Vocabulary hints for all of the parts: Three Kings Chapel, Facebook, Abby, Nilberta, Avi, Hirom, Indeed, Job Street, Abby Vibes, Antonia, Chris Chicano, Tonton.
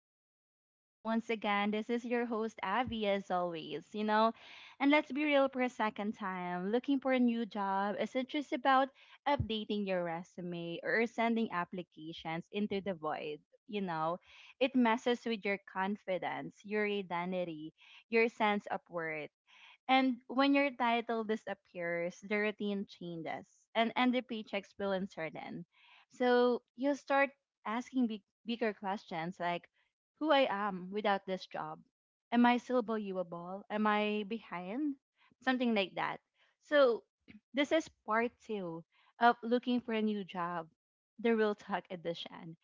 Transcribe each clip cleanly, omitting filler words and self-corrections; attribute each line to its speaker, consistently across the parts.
Speaker 1: to Abby Vibes. Once again, this is your host Abby as always, And let's be real for a second time. Looking for a new job isn't just about updating your resume or sending applications into the void, you know. It messes with your confidence, your identity, your sense of worth. And when your title disappears, the routine changes and the paychecks feel uncertain. So you start asking bigger questions like who I am without this job? Am I still valuable? Am I behind? Something like that. So this is part two of looking for a new job, the real talk edition.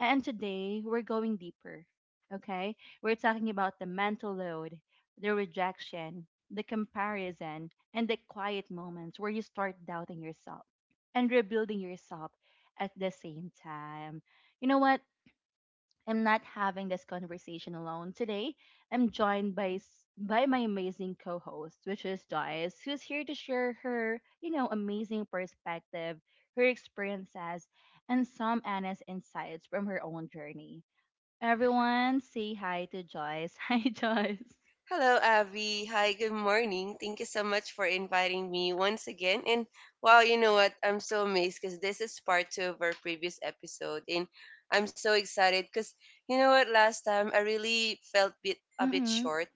Speaker 1: And today we're going deeper, okay? We're talking about the mental load, the rejection, the comparison, and the quiet moments where you start doubting yourself and rebuilding yourself at the same time. You know what? I'm not having this conversation alone. Today, I'm joined by by my amazing co-host, which is Joyce, who's here to share her amazing perspective, her experiences, and some honest insights from her own journey. Everyone, say hi to Joyce. Hi, Joyce.
Speaker 2: Hello, Abby. Hi, good morning. Thank you so much for inviting me once again. And wow, you know what? I'm so amazed because this is part two of our previous episode. And I'm so excited because you know what? Last time I really felt a bit
Speaker 1: Mm-hmm.
Speaker 2: short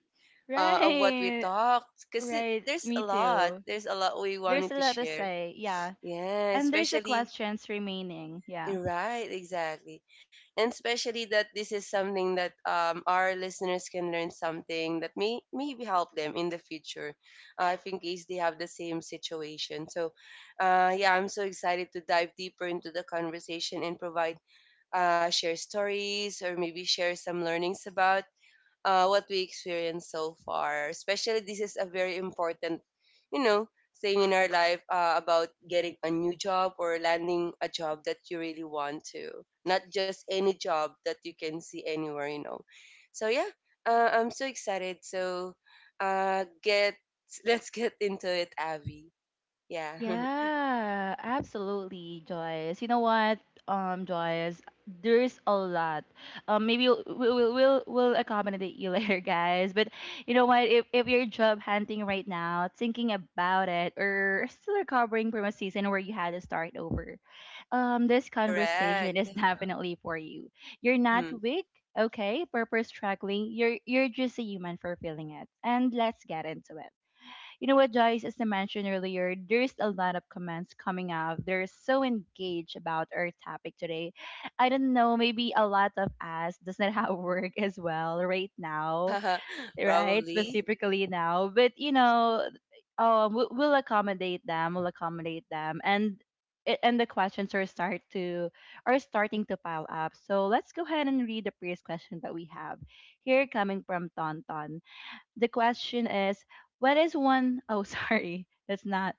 Speaker 2: of what we
Speaker 1: Right.
Speaker 2: talked because
Speaker 1: Right.
Speaker 2: there's
Speaker 1: Me
Speaker 2: a lot.
Speaker 1: too.
Speaker 2: There's a lot we
Speaker 1: There's
Speaker 2: wanted
Speaker 1: a
Speaker 2: to
Speaker 1: lot to
Speaker 2: share.
Speaker 1: say. Yeah.
Speaker 2: Yeah,
Speaker 1: And there's the
Speaker 2: especially.
Speaker 1: questions remaining. Yeah.
Speaker 2: Right, exactly. And especially that this is something that our listeners can learn something that maybe help them in the future, if in case they have the same situation. So, yeah, I'm so excited to dive deeper into the conversation and share stories or maybe share some learnings about what we experienced so far. Especially, this is a very important, you know, thing in our life about getting a new job or landing a job that you really want to, not just any job that you can see anywhere, you know. So yeah, I'm so excited. So get let's get into it, Abby. Yeah,
Speaker 1: Yeah, absolutely, Joyce. You know what, Joyce, there's a lot. Maybe we'll accommodate you later, guys. But you know what, if you're job hunting right now, thinking about it, or still recovering from a season where you had to start over, this conversation
Speaker 2: correct.
Speaker 1: is definitely for you. You're not
Speaker 2: Mm-hmm.
Speaker 1: weak. Okay, purpose struggling. You're just a human for feeling it. And let's get into it. You know what, Joyce, as I mentioned earlier, there's a lot of comments coming up. They're so engaged about our topic today. I don't know, maybe a lot of us does not have work as well right now, right?
Speaker 2: Probably.
Speaker 1: Specifically now. But, you know, we'll accommodate them. We'll accommodate them. And and the questions are starting to pile up. So let's go ahead and read the previous question that we have here coming from Tonton. The question is, what is one oh sorry, that's not.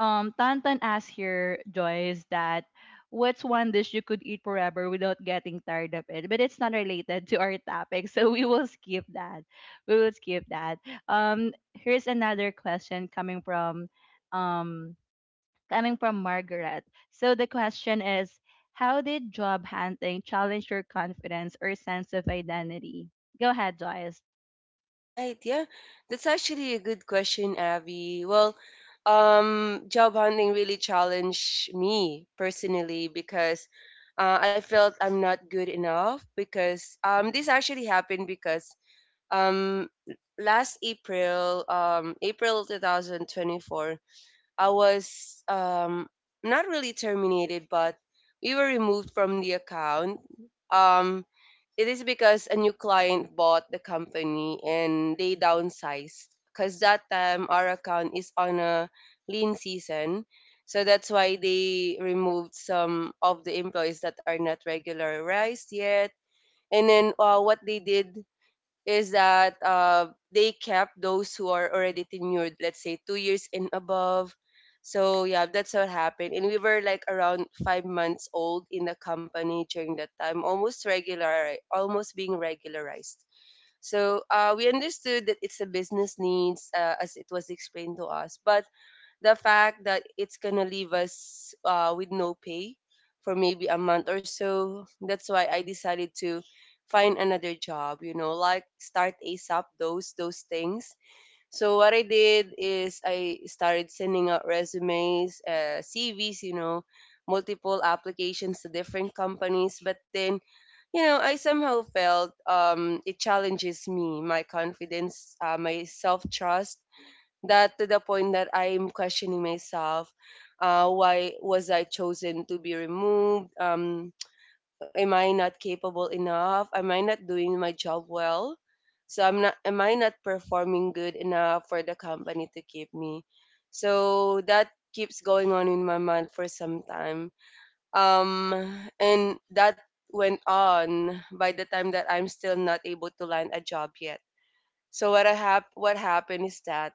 Speaker 1: Tantan asked here, Joyce, that what's one dish you could eat forever without getting tired of it? But it's not related to our topic, so we will skip that. We will skip that. Here's another question um, coming from Margaret. So the question is, how did job hunting challenge your confidence or sense of identity? Go ahead, Joyce.
Speaker 2: Right. Yeah. That's actually a good question, Abby. Well, job hunting really challenged me personally because I felt I'm not good enough because this actually happened because um, last April 2024, I was not really terminated, but we were removed from the account. Um, it is because a new client bought the company and they downsized. Because that time our account is on a lean season. So that's why they removed some of the employees that are not regularized yet. And then what they did is that they kept those who are already tenured, let's say 2 years and above. So yeah, that's what happened. And we were like around 5 months old in the company during that time, almost regular, right, almost being regularized. So we understood that it's a business needs, as it was explained to us. But the fact that it's gonna leave us with no pay for maybe a month or so, that's why I decided to find another job, like start ASAP, those things. So what I did is I started sending out resumes, CVs, multiple applications to different companies. But then I somehow felt it challenges me, my confidence, my self-trust, that to the point that I'm questioning myself. Why was I chosen to be removed? Am I not capable enough? Am I not doing my job well? So I'm not. Am I not performing good enough for the company to keep me? So that keeps going on in my mind for some time. Um, and that went on by the time that I'm still not able to land a job yet. So what happened is that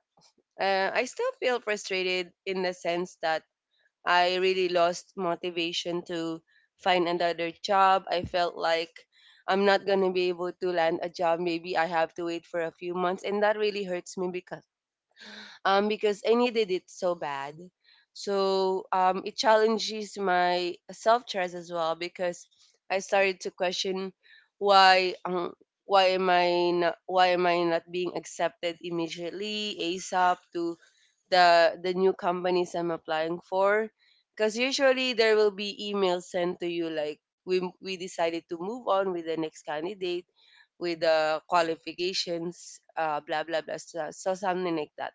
Speaker 2: I still feel frustrated in the sense that I really lost motivation to find another job. I felt like I'm not going to be able to land a job. Maybe I have to wait for a few months. And that really hurts me because I needed it so bad. So it challenges my self trust as well because I started to question why um, why am I not being accepted immediately ASAP to the new companies I'm applying for, because usually there will be emails sent to you like we decided to move on with the next candidate with the qualifications, blah blah blah. So something like that.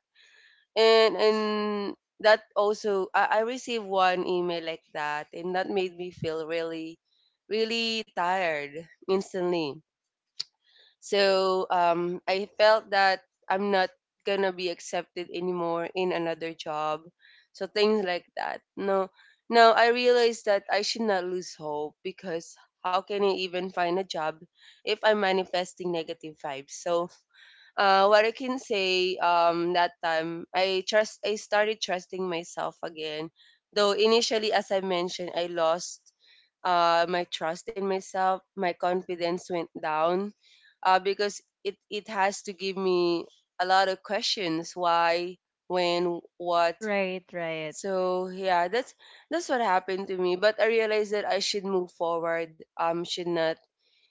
Speaker 2: And that also I received one email like that, and that made me feel really, really tired instantly. So I felt that I'm not gonna be accepted anymore in another job, so things like that. No, now I realized that I should not lose hope because how can I even find a job if I'm manifesting negative vibes? So what I can say, that time, I started trusting myself again. Though initially, as I mentioned, I lost my trust in myself. My confidence went down, because it has to give me a lot of questions: why, when, what.
Speaker 1: Right, right.
Speaker 2: So yeah, that's what happened to me. But I realized that I should move forward. Should not,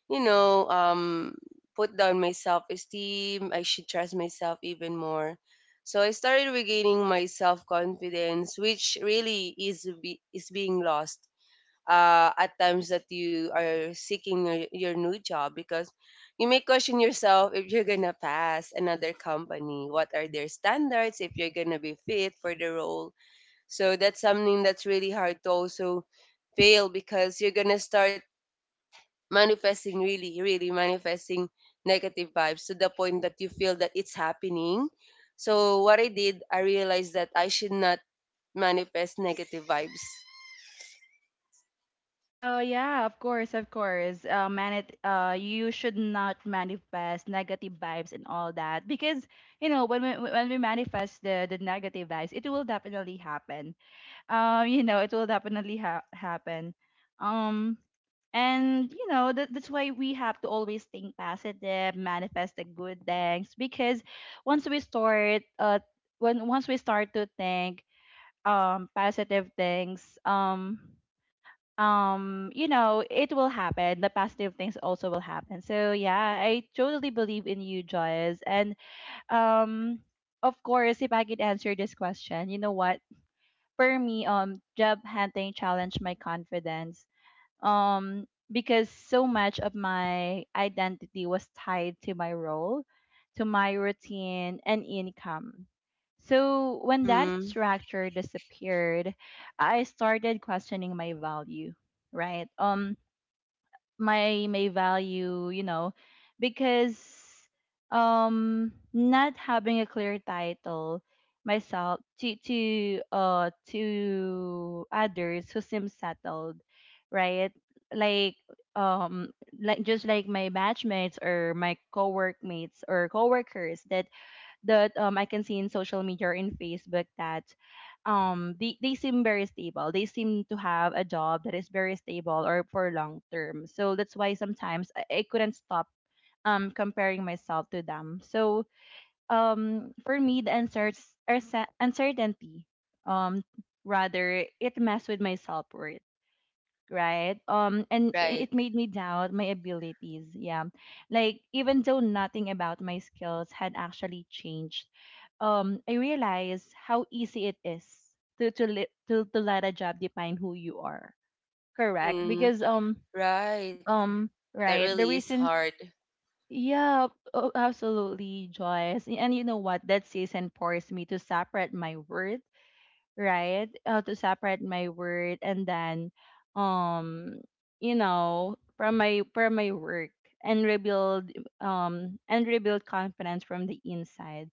Speaker 2: you know, um, put down my self esteem. I should trust myself even more. So I started regaining my self confidence, which really is being lost at times that you are seeking your new job, because you may question yourself if you're gonna pass another company. What are their standards? If you're gonna be fit for the role. So that's something that's really hard to also fail, because you're gonna start manifesting really really manifesting negative vibes to the point that you feel that it's happening. So what I did, I realized that I should not manifest negative vibes.
Speaker 1: Oh yeah, of course, of course. Man, it. You should not manifest negative vibes and all that because you know when we manifest the negative vibes, it will definitely happen. You know, it will definitely ha happen. Um, and you know that that's why we have to always think positive, manifest the good things because once we start when once we start to think positive things, you know it will happen, the positive things also will happen. So yeah, I totally believe in you, Joyce. And um of course if I could answer this question, you know what, for me, job hunting challenged my confidence because so much of my identity was tied to my role, to my routine and income. So when that
Speaker 2: Mm,
Speaker 1: structure disappeared, I started questioning my value, right? My value, you know, because not having a clear title, myself to others who seem settled, right? like um like just like my batchmates or my co-workmates or coworkers that I can see in social media or in Facebook that they seem very stable. They seem to have a job that is very stable or for long term. So that's why sometimes I couldn't stop comparing myself to them. So for me the answers are uncertainty. Um Rather it mess with my self worth, right?
Speaker 2: right.
Speaker 1: It made me doubt my abilities. Yeah, like even though nothing about my skills had actually changed, I realized how easy it is to li- to let a job define who you are. Correct,
Speaker 2: Mm,
Speaker 1: because
Speaker 2: right. That
Speaker 1: right the
Speaker 2: really is
Speaker 1: reason.
Speaker 2: hard.
Speaker 1: Yeah, oh, absolutely, Joyce. And you know what? That season forced me to separate my worth, right? How to separate my word and then, um, you know, from my work and rebuild and rebuild confidence from the inside,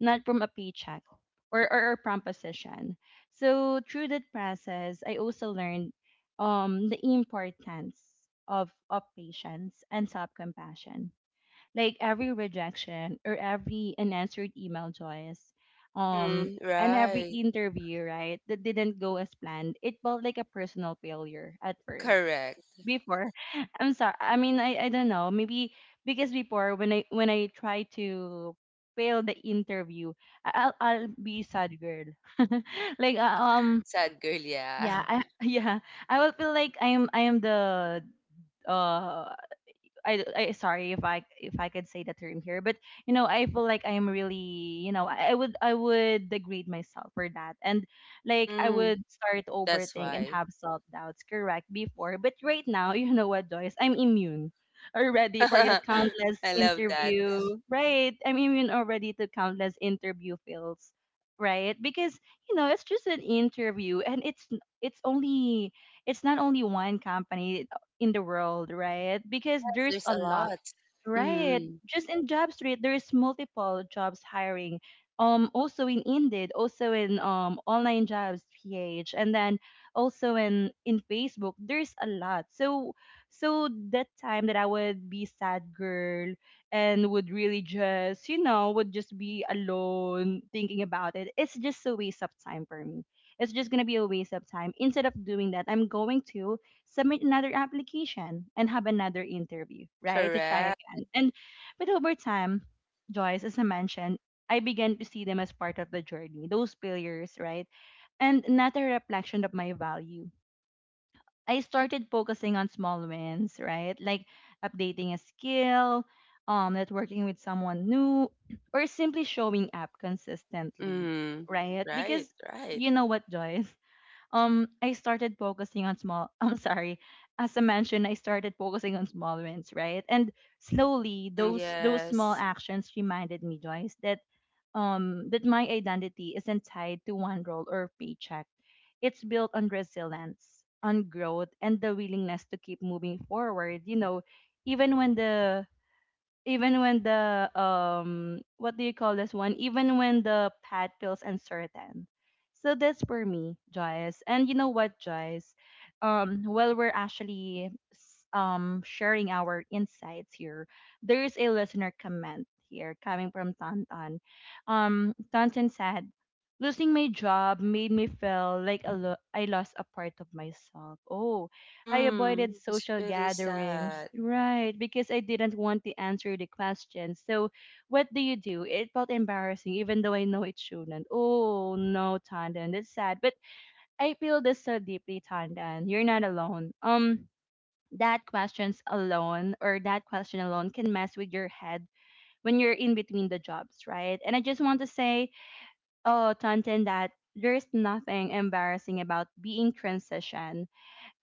Speaker 1: not from a paycheck or from position. So through that process, I also learned the importance of patience and self compassion, like every rejection or every unanswered email, Joyce, um
Speaker 2: Mm,
Speaker 1: and every
Speaker 2: right.
Speaker 1: interview, right, that didn't go as planned, it felt like a personal failure at first
Speaker 2: Correct.
Speaker 1: before. I'm sorry, I mean, I don't know, maybe because before when I try to fail the interview, I'll be sad girl. like uh, um
Speaker 2: Sad girl, yeah.
Speaker 1: yeah. I, Yeah, I will feel like I am the uh I, sorry, if I could say the term here, but you know I feel like I'm really, you know, I would, I would degrade myself for that. And like I
Speaker 2: Mm,
Speaker 1: would start
Speaker 2: that's
Speaker 1: overthink and
Speaker 2: why.
Speaker 1: have self doubts. Correct before, but right now you know what, Joyce, I'm immune already for that countless
Speaker 2: I love that.
Speaker 1: interview. Right, I'm immune already to countless interview fails. Right, because you know it's just an interview, and it's only it's not only one company in the world, right?
Speaker 2: Yes,
Speaker 1: Because there's
Speaker 2: there's
Speaker 1: a
Speaker 2: a
Speaker 1: lot,
Speaker 2: lot.
Speaker 1: right?
Speaker 2: Mm,
Speaker 1: Just in Job Street, there is multiple jobs hiring. Also in Indeed, also in online jobs PH, and then also in Facebook, there's a lot. So that time that I would be sad girl and would really just, you know, would just be alone thinking about it. It's just a waste of time for me. It's just gonna be a waste of time. Instead of doing that, I'm going to submit another application and have another interview, right? To try
Speaker 2: correct.
Speaker 1: again. And but over time, Joyce, as I mentioned, I began to see them as part of the journey, those failures, right? And not a reflection of my value. I started focusing on small wins, right? Like updating a skill, networking with someone new, or simply showing up consistently,
Speaker 2: Mm.
Speaker 1: right?
Speaker 2: Right,
Speaker 1: Because
Speaker 2: right.
Speaker 1: you know what, Joyce? I started focusing on small I'm sorry. As I mentioned, I started focusing on small wins, right? And slowly
Speaker 2: Mm,
Speaker 1: those small
Speaker 2: yes.
Speaker 1: actions reminded me, Joyce, that that my identity isn't tied to one role or paycheck. It's built on resilience, on growth, and the willingness to keep moving forward, you know, even when the even when the what do you call this one even when the pad feels uncertain. So that's for me, Joyce. And you know what, Joyce, while we're actually sharing our insights here, there is a listener comment here coming from Tantan. Tantan said losing my job made me feel like I lost a part of myself. Oh, I
Speaker 2: Mm,
Speaker 1: avoided
Speaker 2: it's
Speaker 1: social
Speaker 2: really sad.
Speaker 1: gatherings, right? Because I didn't want to answer the questions. So, what do you do? It felt embarrassing, even though I know it shouldn't. Oh no, Tandan, that's sad. But I feel this so deeply, Tandan. You're not alone. That questions alone or that question alone can mess with your head when you're in between the jobs, right? And I just want to say, oh, Tandan, that there's nothing embarrassing about being transition,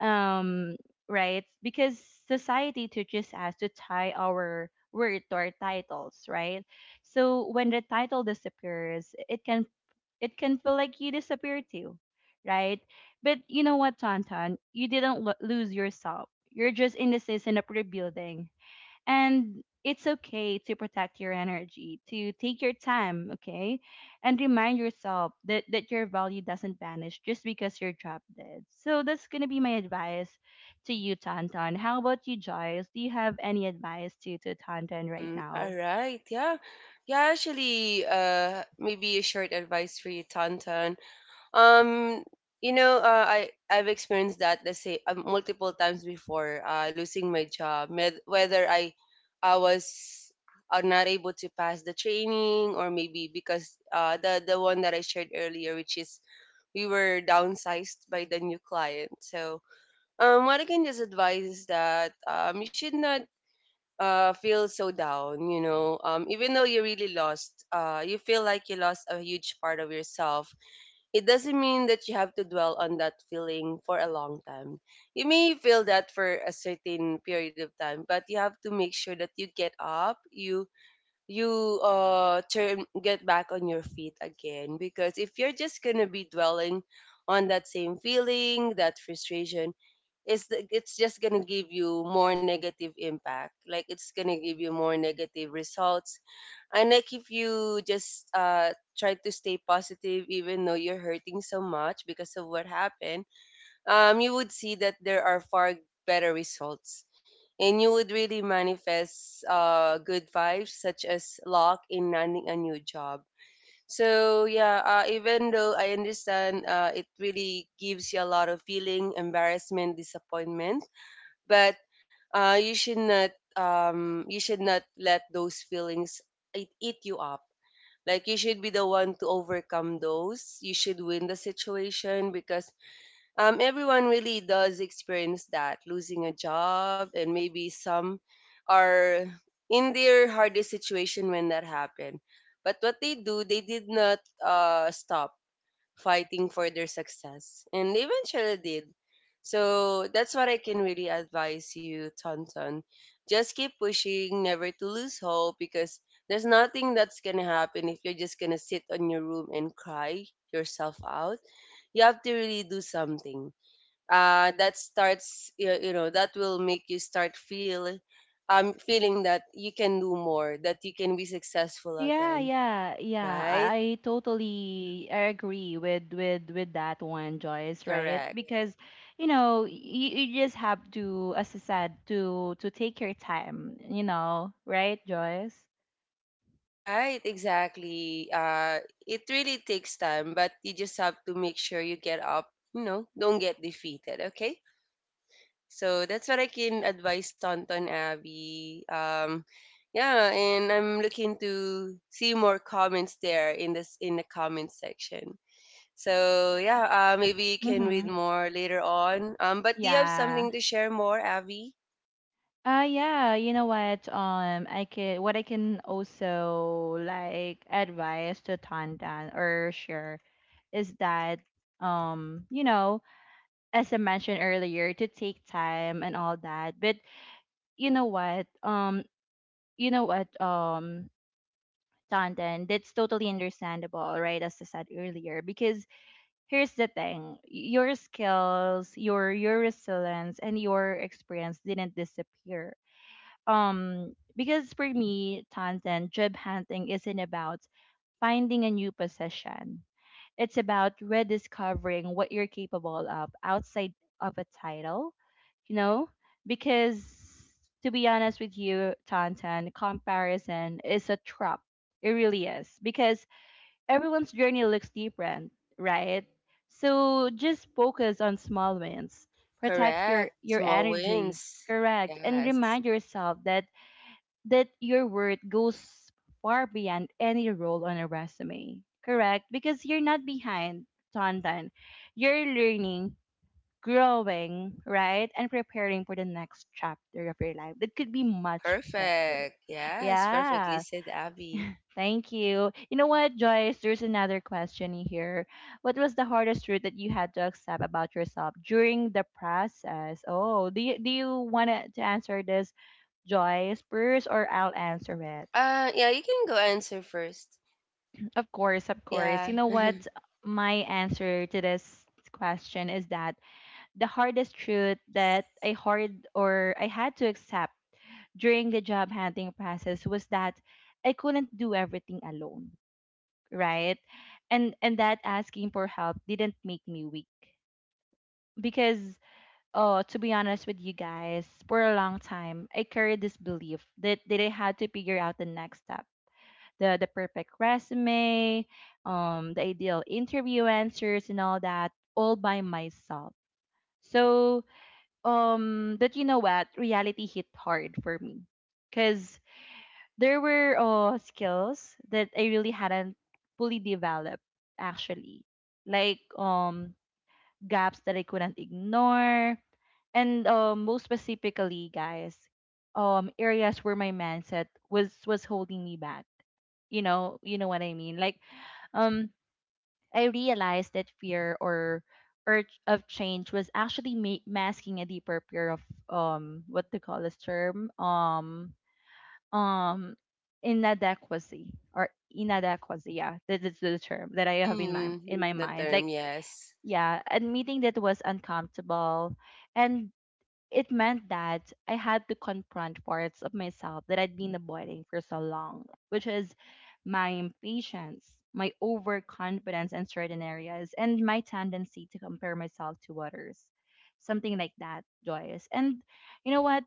Speaker 1: um right, because society teaches us to tie our word to our titles, right? So when the title disappears, it can, it can feel like you disappear too, right? But you know what, Tonton, you didn't lose yourself, you're just in the season of rebuilding. And it's okay to protect your energy, to take your time, okay? And remind yourself that, that your value doesn't vanish just because you're drop dead. So that's gonna be my advice to you, Tantan. How about you, Joyce? Do you have any advice to Tantan right
Speaker 2: Mm,
Speaker 1: now?
Speaker 2: all right, yeah. Yeah, actually, maybe a short advice for you, Tonton. Um, I've experienced that, let's say multiple times before, losing my job, whether I was are not able to pass the training, or maybe because the one that I shared earlier, which is we were downsized by the new client. So, what I can just advise is that you should not feel so down. You know, even though you really you feel like you lost a huge part of yourself, it doesn't mean that you have to dwell on that feeling for a long time. You may feel that for a certain period of time, but you have to make sure that you get up, you turn get back on your feet again, because if you're just going to be dwelling on that same feeling, that frustration, it's just gonna give you more negative impact. Like, it's gonna give you more negative results. And like, if you just try to stay positive even though you're hurting so much because of what happened, you would see that there are far better results. And you would really manifest good vibes, such as luck in landing a new job. So yeah, even though I understand, it really gives you a lot of feeling, embarrassment, disappointment, but you should not, let those feelings eat you up. Like, you should be the one to overcome those. You should win the situation, because everyone really does experience that, losing a job, and maybe some are in their hardest situation when that happened. But what they do, they did not stop fighting for their success. And they eventually did. So that's what I can really advise you, Tonton. Just keep pushing, never to lose hope, because there's nothing that's gonna happen if you're just gonna sit on your room and cry yourself out. You have to really do something. That starts, that will make you start feeling that you can do more, that you can be successful
Speaker 1: Yeah,
Speaker 2: again,
Speaker 1: yeah, yeah.
Speaker 2: right?
Speaker 1: I totally agree with with that one, Joyce, right?
Speaker 2: Correct.
Speaker 1: Because you know, you just have to, as I said, to take your time, you know, right, Joyce?
Speaker 2: Right, exactly. It really takes time, but you just have to make sure you get up, don't get defeated, okay? So that's what I can advise Tonton, Abby. Yeah, and I'm looking to see more comments there in this in the comment section. So yeah, maybe you can read
Speaker 1: Mm-hmm.
Speaker 2: more later on. But do you have
Speaker 1: Yeah.
Speaker 2: something to share more, Abby?
Speaker 1: Yeah, you know what? I can, what I can also like advise to Tandan or share is that you know, as I mentioned earlier, to take time and all that. But you know what um you know what Tantan, that's totally understandable, right? As I said earlier, because here's the thing, your skills, your resilience, and your experience didn't disappear. Because for me, Tantan, job hunting isn't about finding a new position. It's about rediscovering what you're capable of outside of a title, you know? Because to be honest with you, Tantan, comparison is a trap. It really is. Because everyone's journey looks different, right? So just focus on small wins. Protect your
Speaker 2: Correct.
Speaker 1: your
Speaker 2: Small
Speaker 1: energy,
Speaker 2: wins.
Speaker 1: correct? And
Speaker 2: Yes.
Speaker 1: remind yourself that your worth goes far beyond any role on a resume, correct? Because you're not behind, Tonton. You're learning, growing, right? And preparing for the next chapter of your life that could be much better.
Speaker 2: Perfect. Yes. Perfectly
Speaker 1: Yeah,
Speaker 2: said, Abby.
Speaker 1: thank you. You know what, Joyce? There's another question here. What was the hardest truth that you had to accept about yourself during the process? Oh, do you want to answer this, Joyce, first, or I'll answer it?
Speaker 2: Yeah, you can go answer first.
Speaker 1: Of course, of course. You
Speaker 2: Yeah.
Speaker 1: know what? My answer to this question is that the hardest truth
Speaker 2: yes.
Speaker 1: that I hard or I had to accept during the job hunting process was that I couldn't do everything alone, right? And that asking for help didn't make me weak, because oh, to be honest with you guys, for a long time I carried this belief that I had to figure out the next step, the perfect resume, the ideal interview answers and all that, all by myself. So, but you know what? Reality hit hard for me, cause there were skills that I really hadn't fully developed, actually, like gaps that I couldn't ignore. And most specifically, guys, areas where my mindset was holding me back. You know what I mean. Like, um, I realized that fear or urge of change was actually masking a deeper fear of what they call this term um inadequacy. Or inadequacy, yeah, that is the term that I have in my
Speaker 2: Mm,
Speaker 1: in my
Speaker 2: the
Speaker 1: mind. Like,
Speaker 2: term, yes.
Speaker 1: yeah, admitting that was uncomfortable. And it meant that I had to confront parts of myself that I'd been avoiding for so long, which is my impatience, my overconfidence in certain areas, and my tendency to compare myself to others. Something like that, Joyce. And you know what,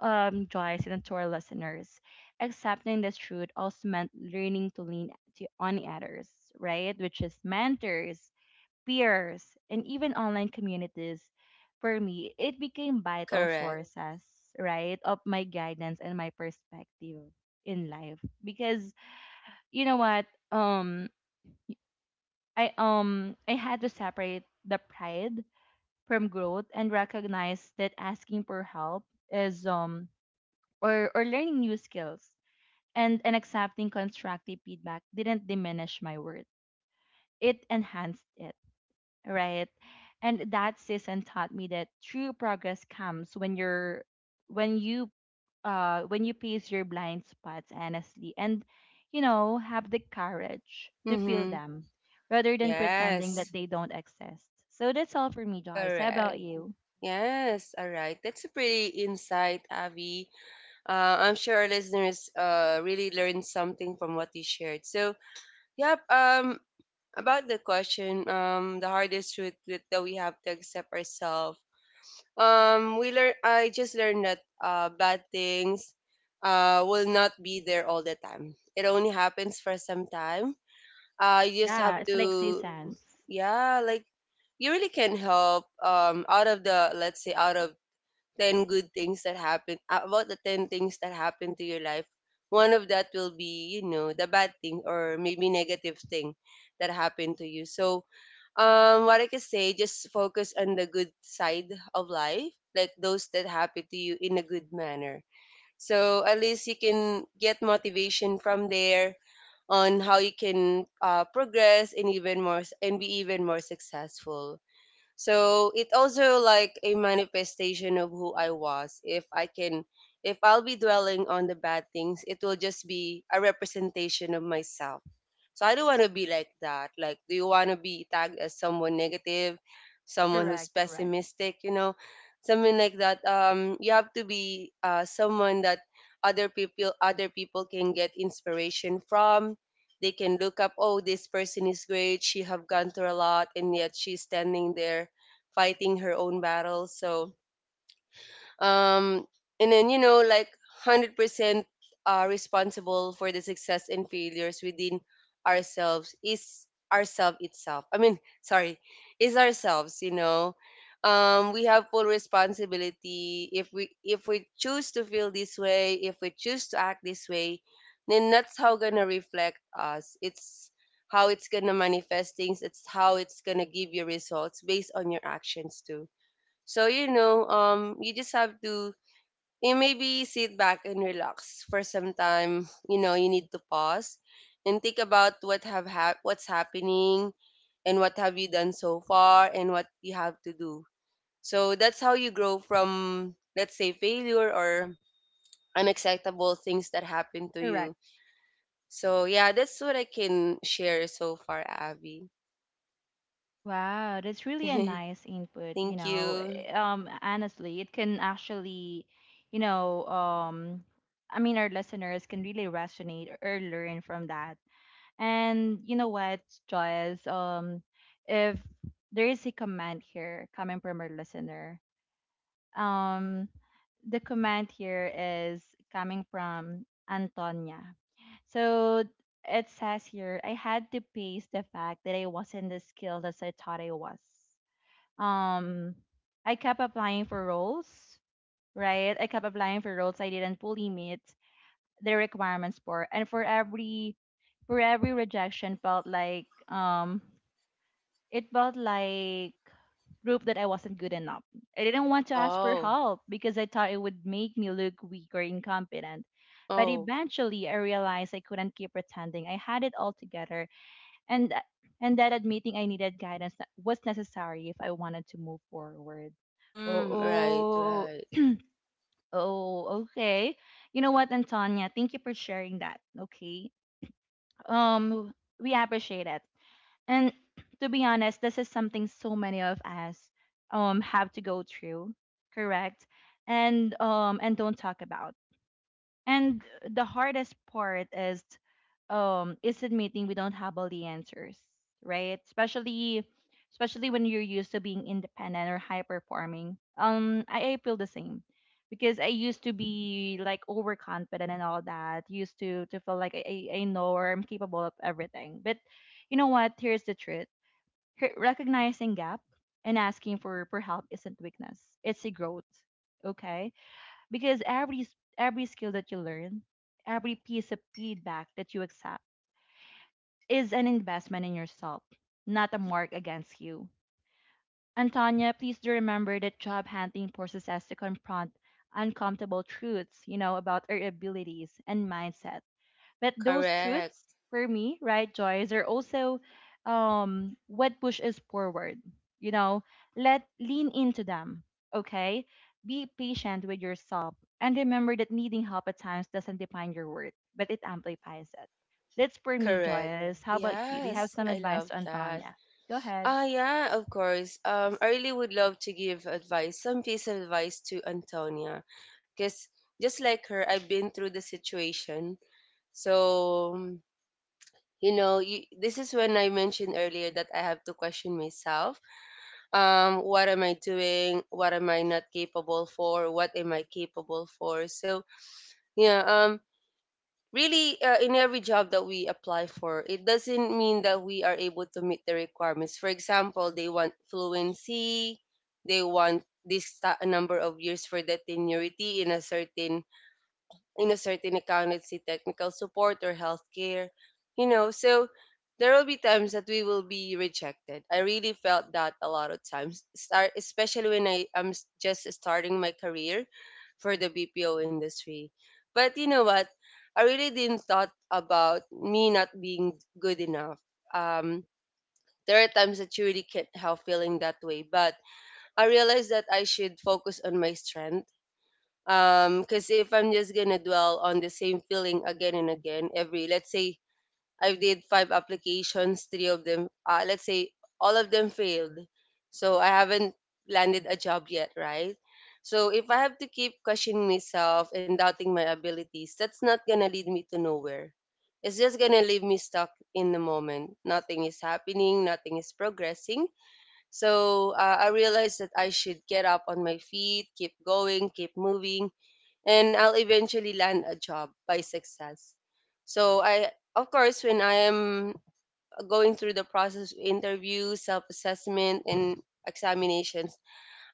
Speaker 1: Joyce, and to our listeners, accepting this truth also meant learning to lean to, on others, right? Which is mentors, peers, and even online communities. For me, it became vital
Speaker 2: Correct.
Speaker 1: sources, right, of my guidance and my perspective in life. Because you know what, um, I had to separate the pride from growth and recognize that asking for help is or learning new skills and accepting constructive feedback didn't diminish my worth. It enhanced it, right? And that season taught me that true progress comes when you when you pace your blind spots honestly and, you know, have the courage to peel
Speaker 2: Mm-hmm.
Speaker 1: them rather than pretending that
Speaker 2: Yes.
Speaker 1: they don't exist. So that's all for me, Joyce. How
Speaker 2: Correct.
Speaker 1: about you?
Speaker 2: Yes. All right. That's a pretty insight, Avi. I'm sure our listeners really learned something from what you shared. So, yep. About the question, the hardest truth that we have to accept ourselves. We learn. I just learned that bad things, will not be there all the time. It only happens for some time. You just have
Speaker 1: Yeah, it's like totally agree.
Speaker 2: to,
Speaker 1: Seasons.
Speaker 2: yeah, like, you really can help. Out of the let's say out of 10 good things that happen, about the 10 things that happen to your life, one of that will be, the bad thing or maybe negative thing that happened to you. So what I can say, just focus on the good side of life, like those that happen to you in a good manner, so at least you can get motivation from there on how you can progress and even more and be even more successful. So it also like a manifestation of who I was. If I'll be dwelling on the bad things, it will just be a representation of myself. So I don't want to be like that. Like, do you want to be tagged as someone negative, someone who's
Speaker 1: Correct, correct.
Speaker 2: pessimistic, something like that? You have to be someone that other people can get inspiration from. They can look up, oh, this person is great, she have gone through a lot and yet she's standing there fighting her own battle. So um, and then, you know, like, 100% responsible for the success and failures within ourselves is ourselves itself I mean sorry is ourselves, you know. We have full responsibility. If we choose to feel this way, if we choose to act this way, then that's how gonna reflect us. It's how it's gonna manifest things. It's how it's gonna give you results based on your actions too. So you just have to, you maybe, sit back and relax for some time. You know, you need to pause and think about what's happening and what have you done so far and what you have to do. So that's how you grow from, let's say, failure or unacceptable things that happen to
Speaker 1: Correct.
Speaker 2: you. So yeah, that's what I can share so far, Abby.
Speaker 1: Wow, that's really a nice input, you
Speaker 2: Thank
Speaker 1: know.
Speaker 2: you.
Speaker 1: Honestly, it can actually, you know, I mean, our listeners can really resonate or learn from that. And you know what, Joyce, if there is a comment here coming from our listener, um, the comment here is coming from Antonia. So it says here, I had to face the fact that I wasn't as skilled as I thought I was. Um, I kept applying for roles, right? I kept applying for roles I didn't fully meet the requirements for, and for every rejection felt like it felt like proof that I wasn't good enough. I didn't want to ask for
Speaker 2: Oh,
Speaker 1: help because I thought it would make me look weak or incompetent. But
Speaker 2: oh,
Speaker 1: eventually, I realized I couldn't keep pretending I had it all together, and tha- and that admitting I needed guidance, that was necessary if I wanted to move forward.
Speaker 2: mm, right,
Speaker 1: Oh,
Speaker 2: right,
Speaker 1: oh, oh, okay. You know what, Antonia? Thank you for sharing that. Okay. Um, we appreciate it. And to be honest, this is something so many of us have to go through, correct? And don't talk about. And the hardest part is admitting we don't have all the answers, right? Especially when you're used to being independent or high performing. I feel the same because I used to be like overconfident and all that, used to feel like I know or I'm capable of everything. But you know what? Here's the truth. Recognizing gap and asking for help isn't weakness. It's a growth. Okay? Because every skill that you learn, every piece of feedback that you accept is an investment in yourself, not a mark against you. Antonia, please do remember that job hunting forces us to confront uncomfortable truths, you know, about our abilities and mindset, but those
Speaker 2: correct.
Speaker 1: truths, for me, right, Joyce, are also what pushes forward. You know, let lean into them. Okay, be patient with yourself, and remember that needing help at times doesn't define your worth, but it amplifies it. That's for me,
Speaker 2: Correct.
Speaker 1: Joyce. How about you? Do you have
Speaker 2: Yes,
Speaker 1: some
Speaker 2: I
Speaker 1: advice
Speaker 2: love
Speaker 1: to
Speaker 2: that.
Speaker 1: Antonia? Go ahead.
Speaker 2: Ah, yeah, of course. I really would love to give advice, some piece of advice to Antonia, because just like her, I've been through the situation. So, you know, you, this is when I mentioned earlier that I have to question myself. What am I doing? What am I not capable for? What am I capable for? So, yeah. Really, in every job that we apply for, it doesn't mean that we are able to meet the requirements. For example, they want fluency, they want number of years for the tenuity in a certain, in a certain accountancy, technical support, or healthcare, you know. So there will be times that we will be rejected. I really felt that a lot of times, start, especially when just starting my career for the BPO industry. But you know what, I really didn't thought about me not being good enough. um there are times that you really can't help feeling that way, but I realized that I should focus on my strength. Because if I'm just gonna dwell on the same feeling again and again, every, let's say, I did five applications, three of them, let's say, all of them failed. So I haven't landed a job yet, right? So if I have to keep questioning myself and doubting my abilities, that's not gonna lead me to nowhere. It's just gonna leave me stuck in the moment. Nothing is happening, nothing is progressing. So I realized that I should get up on my feet, keep going, keep moving, and I'll eventually land a job by success. So I, of course, when I am going through the process of interview, self-assessment, and examinations,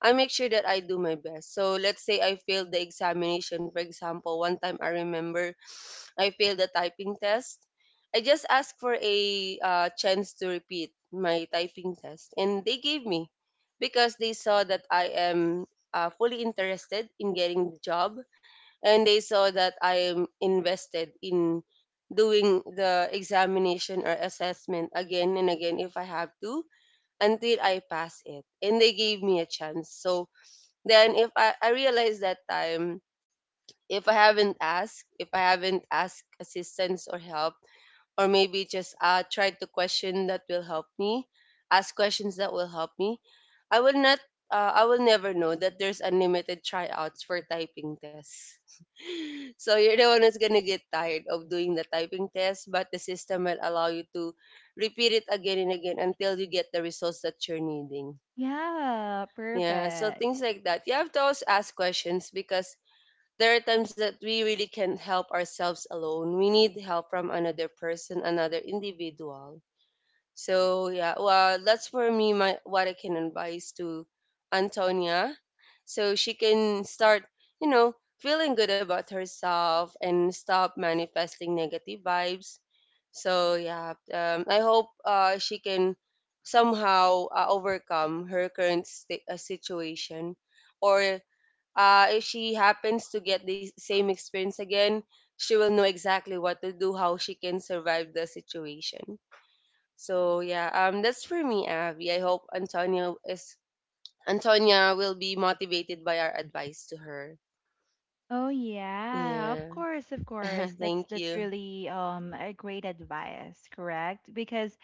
Speaker 2: I make sure that I do my best. So let's say I failed the examination. For example, one time I remember I failed the typing test. I just asked for a chance to repeat my typing test, and they gave me because they saw that I am fully interested in getting the job, and they saw that I am invested in doing the examination or assessment again and again if I have to, until I pass it. And they gave me a chance. So then if I, I realized that time, if I haven't asked, if I haven't asked assistance or help, or maybe just try to question that will help me, ask questions that will help me, I will not, I will never know that there's unlimited tryouts for typing tests. So you're the one who's gonna get tired of doing the typing test, but the system will allow you to repeat it again and again until you get the results that you're needing.
Speaker 1: Yeah,
Speaker 2: Yeah, so
Speaker 1: perfect.
Speaker 2: things like that, you have to always ask questions because there are times that we really can't help ourselves alone. We need help from another person, another individual. So yeah, well, that's for me. My, what I can advise to Antonia, so she can start, you know, feeling good about herself and stop manifesting negative vibes. So yeah, I hope she can somehow overcome her current situation, or if she happens to get the same experience again, she will know exactly what to do, how she can survive the situation. So yeah, that's for me, Abby. I hope Antonia will be motivated by our advice to her.
Speaker 1: Oh yeah, of
Speaker 2: Yeah,
Speaker 1: course, of course. That's
Speaker 2: thank you.
Speaker 1: really a great advice, correct? Because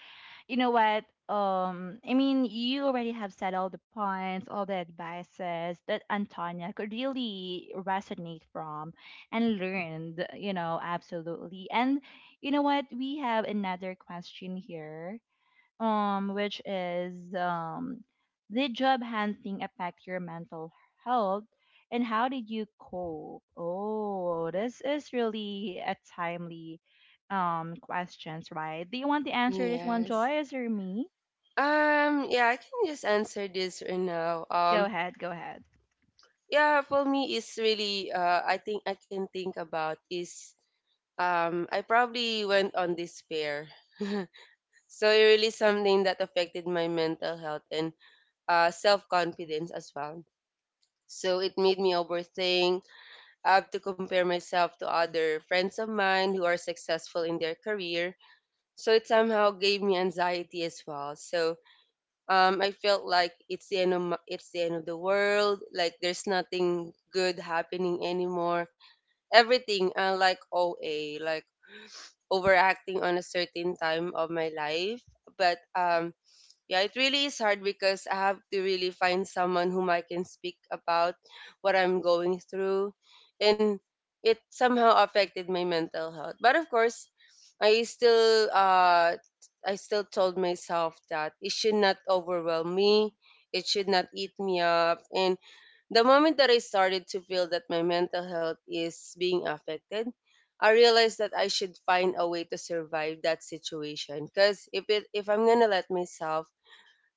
Speaker 1: you know what? I mean, you already have said all the points, all the advices that Antonia could really resonate from and learned, you know, absolutely. And you know what? We have another question here which is did job hunting affect your mental health and how did you cope? Oh, this is really a timely questions, right? Do you want to answer this one,
Speaker 2: Yes.
Speaker 1: Joyce, or me?
Speaker 2: Yeah, I can just answer this right now.
Speaker 1: Go ahead, go ahead.
Speaker 2: Yeah, for me, it's really. I think I can think about is. I probably went on despair. So it really something that affected my mental health and self-confidence as well. So it made me overthink. I have to compare myself to other friends of mine who are successful in their career. So it somehow gave me anxiety as well. So I felt like it's the end of my, it's the end of the world. Like there's nothing good happening anymore. Everything like OA, like overacting on a certain time of my life. But yeah, it really is hard because I have to really find someone whom I can speak about what I'm going through. And it somehow affected my mental health. But of course, I still uh I still told myself that it should not overwhelm me. It should not eat me up. And the moment that I started to feel that my mental health is being affected, I realized that I should find a way to survive that situation. Because if I'm gonna let myself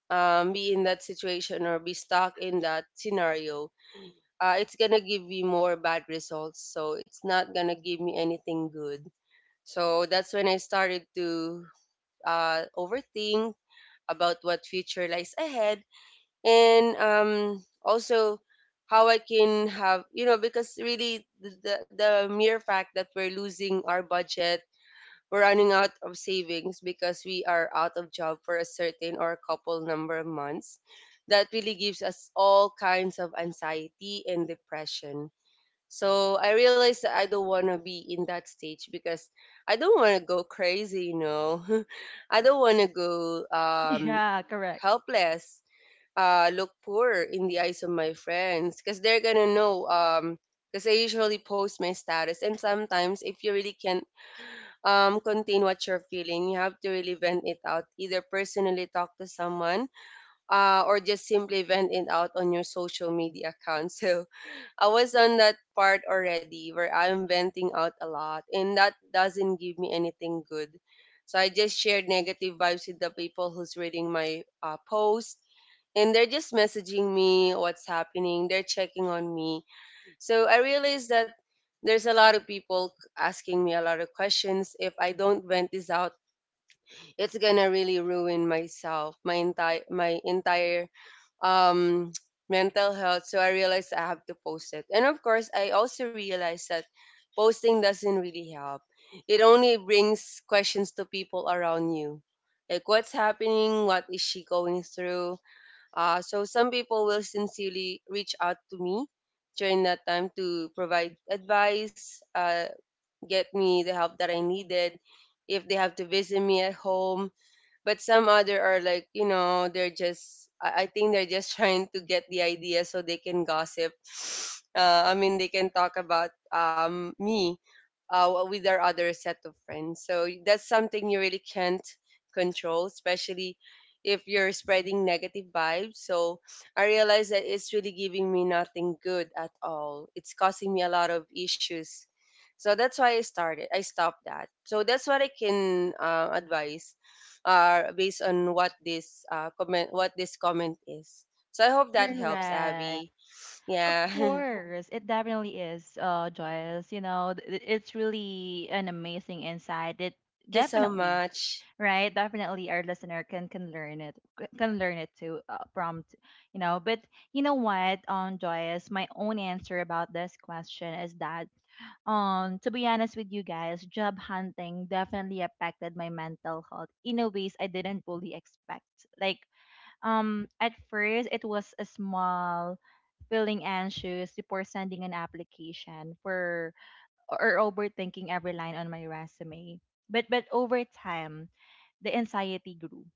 Speaker 2: be in that situation or be stuck in that scenario, it's gonna give me more bad results. So it's not gonna give me anything good. So that's when I started to overthink about what future lies ahead, and also how I can have, you know, because really the mere fact that we're losing our budget, we're running out of savings because we are out of job for a certain or a couple number of months. That really gives us all kinds of anxiety and depression. So I realized that I don't want to be in that stage because I don't want to go crazy, you know. I don't want to go
Speaker 1: Yeah, correct.
Speaker 2: helpless, look poor in the eyes of my friends because they're going to know, because I usually post my status. And sometimes, if you really can contain what you're feeling, you have to really vent it out, either personally talk to someone, or just simply vent it out on your social media account. So I was on that part already where I'm venting out a lot, and that doesn't give me anything good. So I just shared negative vibes with the people who's reading my post, and they're just messaging me what's happening. They're checking on me. So I realized that there's a lot of people asking me a lot of questions. If I don't vent this out, it's gonna really ruin myself, my entire um mental health. So I realized I have to post it. And of course, I also realized that posting doesn't really help. It only brings questions to people around you. Like, what's happening, what is she going through? So some people will sincerely reach out to me during that time to provide advice, get me the help that I needed, if they have to visit me at home. But some other are like, you know, they're just, I think they're just trying to get the idea so they can gossip I mean they can talk about me with our other set of friends. So that's something you really can't control, especially if you're spreading negative vibes. So I realize that it's really giving me nothing good at all. It's causing me a lot of issues. So that's why I stopped that. So that's what I can advise, are based on what this comment what this comment is. So I hope that helps,
Speaker 1: Correct.
Speaker 2: Abby.
Speaker 1: Of
Speaker 2: Yeah.
Speaker 1: course, it definitely is, Joyce. You know, it's really an amazing insight. It
Speaker 2: Thank you so
Speaker 1: definitely,
Speaker 2: much.
Speaker 1: right, definitely our listener can can learn it too, from you know. But you know what, joyous, my own answer about this question is that, to be honest with you guys, job hunting definitely affected my mental health in a ways I didn't fully expect. Like, at first it was a small feeling, anxious before sending an application for or overthinking every line on my resume. But over time, the anxiety grew,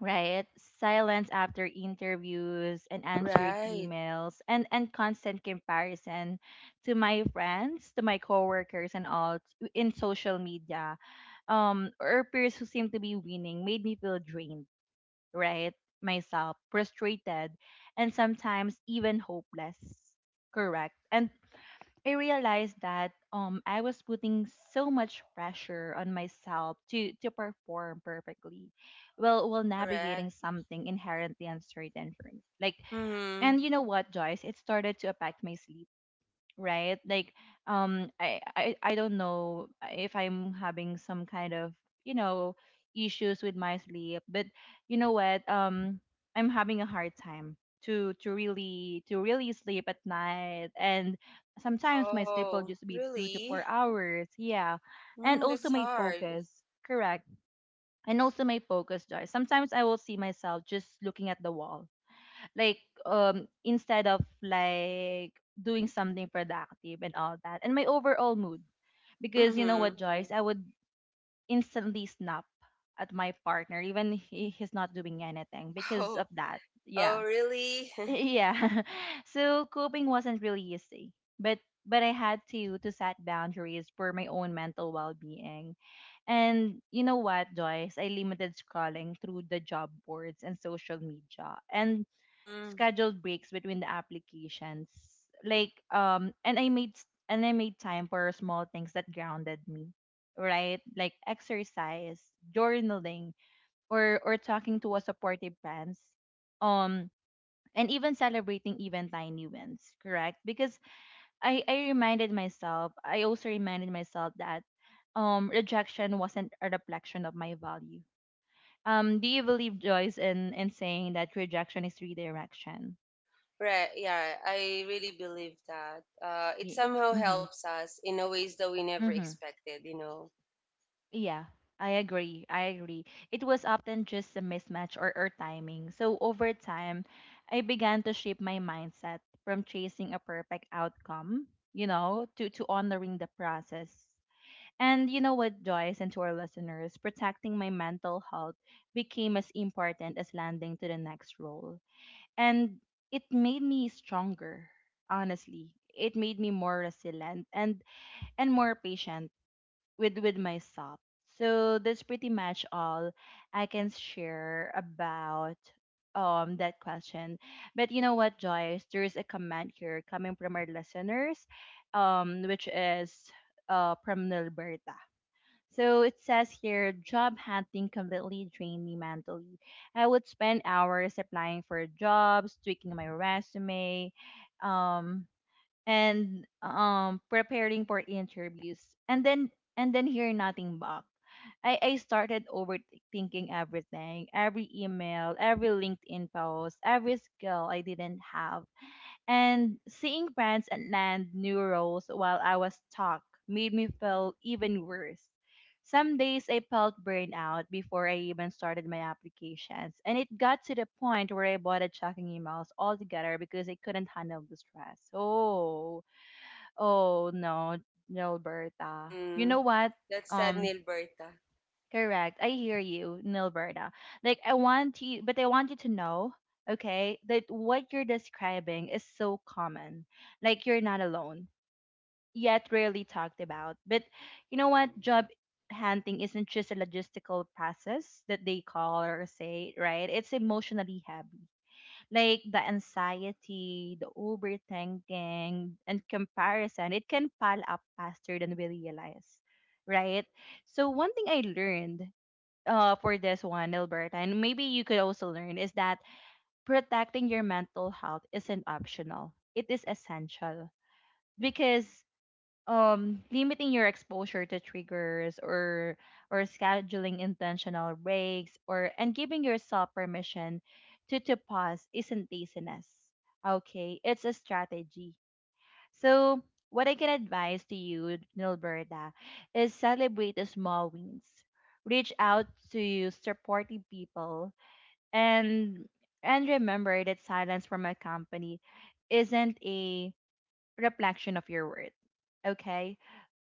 Speaker 1: right? Silence after interviews and answered
Speaker 2: Right.
Speaker 1: emails and constant comparison to my friends, to my coworkers, and in social media, or peers who seem to be winning made me feel drained, right? Myself, frustrated, and sometimes even hopeless. Correct. And I realized that I was putting so much pressure on myself to perform perfectly while navigating
Speaker 2: Correct.
Speaker 1: something inherently uncertain for me. Like,
Speaker 2: Hmm.
Speaker 1: and you know what, Joyce, it started to affect my sleep, right? Like, I don't know if I'm having some kind of, you know, issues with my sleep, but you know what? I'm having a hard time to really sleep at night, and sometimes my sleep will
Speaker 2: Oh,
Speaker 1: just be two to
Speaker 2: really?
Speaker 1: four hours. Yeah, and
Speaker 2: Mm,
Speaker 1: also
Speaker 2: that's
Speaker 1: my
Speaker 2: hard.
Speaker 1: focus. Correct. And also my focus, Joy. Sometimes I will see myself just looking at the wall, like instead of like doing something productive and all that, and my overall mood, because you know
Speaker 2: Hmm.
Speaker 1: what, Joyce, I would instantly snap at my partner even, he's not doing anything because
Speaker 2: Oh.
Speaker 1: of that. Yeah.
Speaker 2: Oh, really?
Speaker 1: Yeah. So coping wasn't really easy, but but I had to set boundaries for my own mental well-being. And you know what, Joyce, I limited scrolling through the job boards and social media and
Speaker 2: Mm,
Speaker 1: scheduled breaks between the applications. Like, and I made time for small things that grounded me, right? Like exercise, journaling, or talking to a supportive friends. Um and even celebrating even tiny wins, correct? Because I reminded myself, I also reminded myself that rejection wasn't a reflection of my value. Do you believe, Joyce, in saying that rejection is redirection?
Speaker 2: right. Yeah. I really believe that. It
Speaker 1: Yeah.
Speaker 2: somehow helps us in a ways that we never
Speaker 1: Mm-hmm.
Speaker 2: expected, you know.
Speaker 1: Yeah, I agree. I agree. It was often just a mismatch or timing. So over time, I began to shape my mindset from chasing a perfect outcome, you know, to honoring the process. And you know what, Joyce, and to our listeners, protecting my mental health became as important as landing to the next role. And it made me stronger, honestly. It made me more resilient and more patient with myself. So that's pretty much all I can share about that question. But you know what, Joyce? There is a comment here coming from our listeners, which is from Nilberta. So it says here, job hunting completely drained me mentally. I would spend hours applying for jobs, tweaking my resume, um, and preparing for interviews and then and then hear nothing back. I started overthinking everything, every email, every LinkedIn post, every skill I didn't have. And seeing friends and land new roles while I was stuck made me feel even worse. Some days I felt burnout before I even started my applications, and it got to the point where I avoided checking emails altogether because I couldn't handle the stress. Oh Oh no, Nilberta. You
Speaker 2: Hmm.
Speaker 1: know what?
Speaker 2: That's sad,
Speaker 1: Um,
Speaker 2: Nilberta.
Speaker 1: Correct. I hear you, Nilberta. Like I want you, but I want you to know, okay, that what you're describing is so common. Like you're not alone, yet rarely talked about. But you know what? Job hunting isn't just a logistical process that they call or say, right? It's emotionally, like the anxiety, the overthinking, and comparison, it can pile up faster than we realize, right? So one thing I learned, for this one, Alberta, and maybe you could also learn, is that protecting your mental health isn't optional. It is essential because limiting your exposure to triggers, or scheduling intentional breaks, or and giving yourself permission to pause isn't laziness. Okay, it's a strategy. So what I can advise to you, Nilberta, is celebrate the small wins, reach out to supportive people, and remember that silence from a company isn't a reflection of your worth. Okay?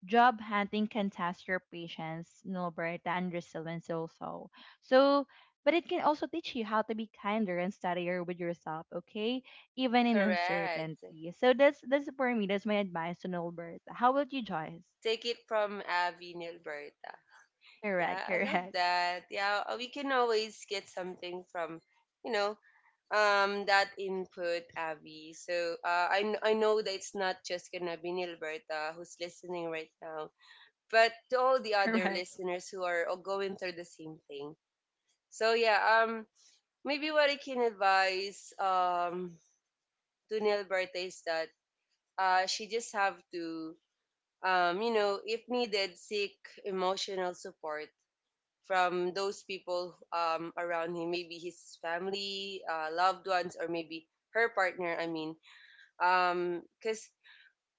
Speaker 1: Job hunting can test your patience, nobility, and resilience also. So, but it can also teach you how to be kinder and steadier with yourself, okay? Even in
Speaker 2: Correct.
Speaker 1: uncertainty. So that's for me. That's my advice to Norbert. How about you, Joyce?
Speaker 2: Take it from Abby Nilberta.
Speaker 1: Correct,
Speaker 2: Yeah, I love
Speaker 1: correct,
Speaker 2: that. Yeah, we can always get something from, you know, that input, Abby. So I know that it's not just gonna be Nilberta who's listening right now, but to all the other
Speaker 1: correct.
Speaker 2: listeners who are all going through the same thing. So yeah, maybe what I can advise to Nilberta is that she just have to if needed, seek emotional support from those people around him, maybe his family, loved ones, or maybe her partner. I mean, because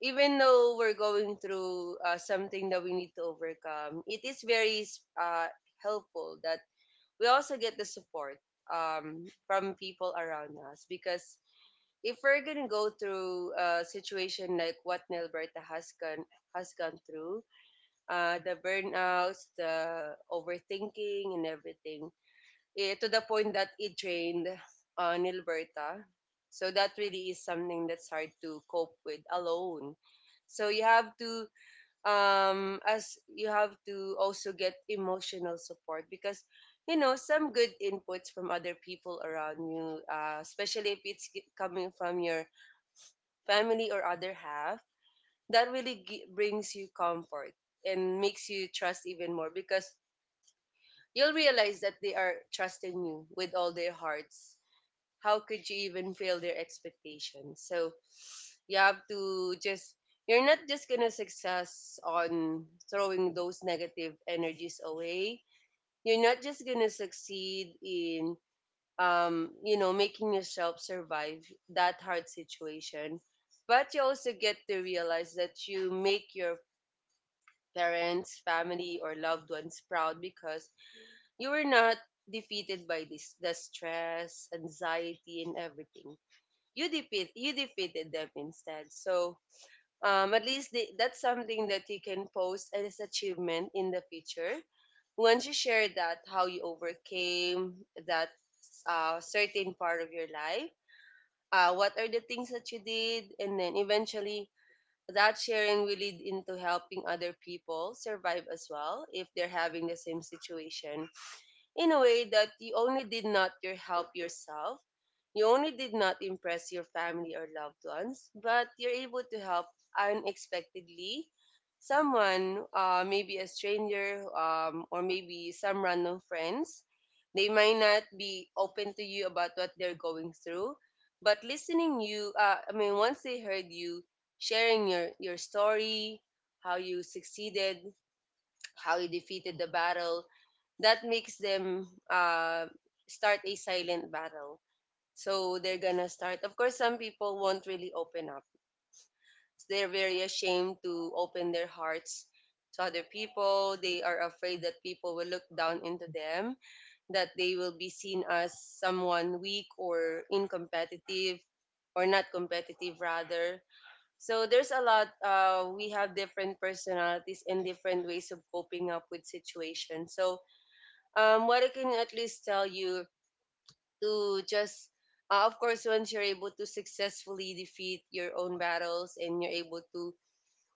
Speaker 2: even though we're going through something that we need to overcome, it is very uh, helpful that we also get the support from people around us, because if we're gonna go through a situation like what Nelberta has gone through, the burnouts, the overthinking, and everything, to the point that it drained Nilberta. So that really is something that's hard to cope with alone. So you have to as you have to also get emotional support, because you know some good inputs from other people around you, especially if it's coming from your family or other half, that really brings you comfort and makes you trust even more, because you'll realize that they are trusting you with all their hearts. How could you even fail their expectations? So you have to just you're not just gonna success on throwing those negative energies away. You're not just gonna succeed in making yourself survive that hard situation. But you also get to realize that you make your parents, family, or loved ones proud, because you were not defeated by this the stress, anxiety, and everything. You defeated them instead. So at least that's something that you can post as achievement in the future. Once you share that how you overcame that certain part of your life, what are the things that you did, and then eventually that sharing will lead into helping other people survive as well if they're having the same situation, in a way that you only did not your help yourself, you only did not impress your family or loved ones, but you're able to help unexpectedly someone, maybe a stranger, or maybe some random friends. They might not be open to you about what they're going through, but I mean, once they heard you sharing your story, how you succeeded, how you defeated the battle, that makes them start a silent battle. So they're gonna start. Of course, some people won't really open up. They're very ashamed to open their hearts to other people. They are afraid that people will look down into them, that they will be seen as someone weak or incompetitive, or not competitive rather. So there's a lot. We have different personalities and different ways of coping up with situations. So what I can at least tell you to just, of course, once you're able to successfully defeat your own battles and you're able to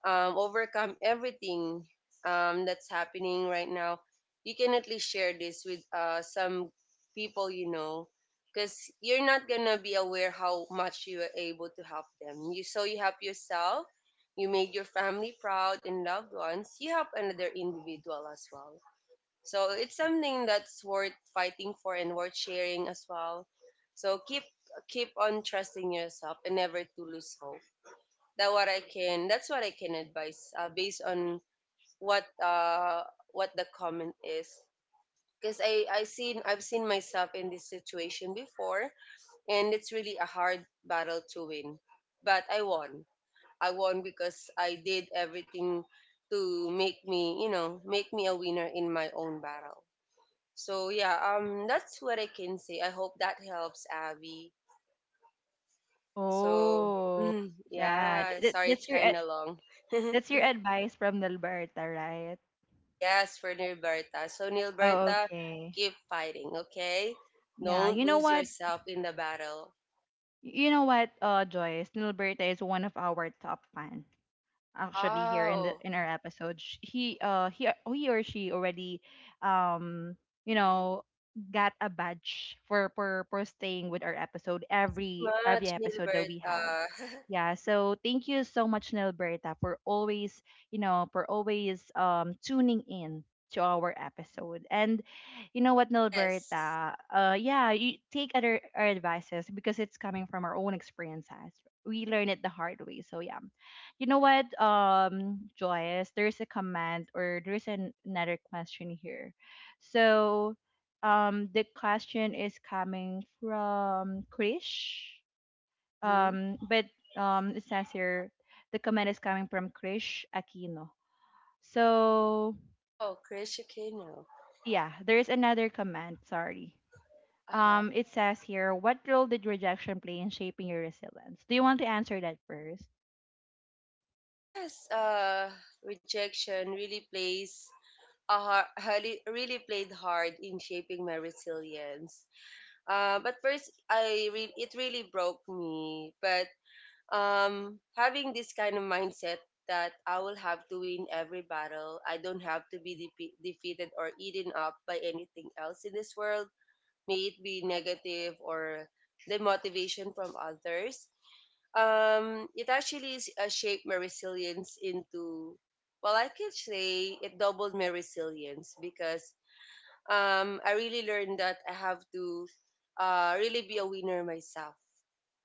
Speaker 2: overcome everything that's happening right now, you can at least share this with some people you know, because you're not gonna be aware how much you were able to help them. You help yourself, you made your family proud and loved ones. You help another individual as well, so it's something that's worth fighting for and worth sharing as well. So keep on trusting yourself and never to lose hope. That's what I can advise based on what uh what the comment is. Because I've seen myself in this situation before, and it's really a hard battle to win. But I won. I won because I did everything to make me, you know, make me a winner in my own battle. So yeah, that's what I can say. I hope that helps, Abby. So
Speaker 1: Oh, yeah.
Speaker 2: yeah, sorry it's kind of long.
Speaker 1: That's your advice from Nilberta, right?
Speaker 2: Yes, for Nilberta. So
Speaker 1: Oh,
Speaker 2: Nilberta,
Speaker 1: okay.
Speaker 2: keep fighting, okay?
Speaker 1: Yeah,
Speaker 2: Don't
Speaker 1: you know
Speaker 2: lose
Speaker 1: what?
Speaker 2: yourself in the battle.
Speaker 1: You know what, Joyce? Nilberta is one of our top fan actually here in the
Speaker 2: Wow,
Speaker 1: in our episode. He or she already um you know got a badge for for staying with our episode,
Speaker 2: thank you so
Speaker 1: every
Speaker 2: much,
Speaker 1: episode that we have.
Speaker 2: Nilberta.
Speaker 1: Yeah, so thank you so much, Nilberta, for always, you know, for always tuning in to our episode. And you know what,
Speaker 2: Yes.
Speaker 1: Nilberta, yeah, you take other our advices because it's coming from our own experiences. We learn it the hard way. So yeah, you know what, Joyce, there's a comment or there's an, another question here. So, the question is coming from Krish.
Speaker 2: Mm-hmm.
Speaker 1: But It says here the comment is coming from Krish Aquino. So,
Speaker 2: Oh, Chris Chicano.
Speaker 1: yeah, there's another comment. Sorry.
Speaker 2: Uh huh.
Speaker 1: It says here, what role did rejection play in shaping your resilience? Do you want to answer that first?
Speaker 2: Yes. Rejection uh, really, really played hard in shaping my resilience. But first, it really broke me. But having this kind of mindset that I will have to win every battle, I don't have to be defeated or eaten up by anything else in this world, may it be negative or the motivation from others. It actually shaped my resilience into, well, I can say it doubled my resilience, because I really learned that I have to really be a winner myself.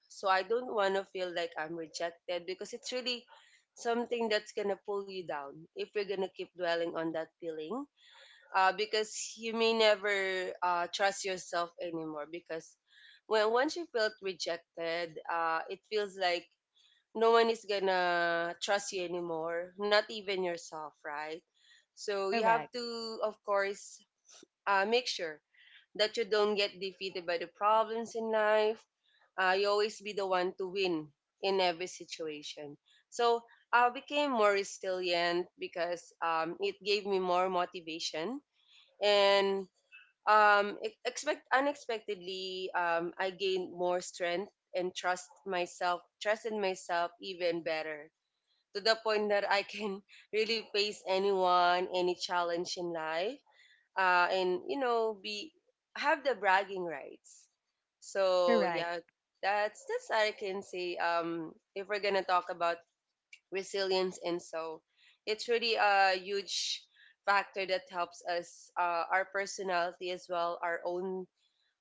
Speaker 2: So I don't want to feel like I'm rejected, because it's really something that's going to pull you down if you're going to keep dwelling on that feeling, because you may never trust yourself anymore, because when once you felt rejected, it feels like no one is going to trust you anymore, not even yourself, right? So you have
Speaker 1: Correct.
Speaker 2: to, of course, make sure that you don't get defeated by the problems in life. You always be the one to win in every situation. So I became more resilient because it gave me more motivation and expect unexpectedly I gained more strength and trust in myself even better, to the point that I can really face anyone, any challenge in life, and you know be have the bragging rights. So
Speaker 1: Correct.
Speaker 2: yeah, that's I can say. If we're gonna talk about resilience, and so it's really a huge factor that helps us, our personality as well, our own,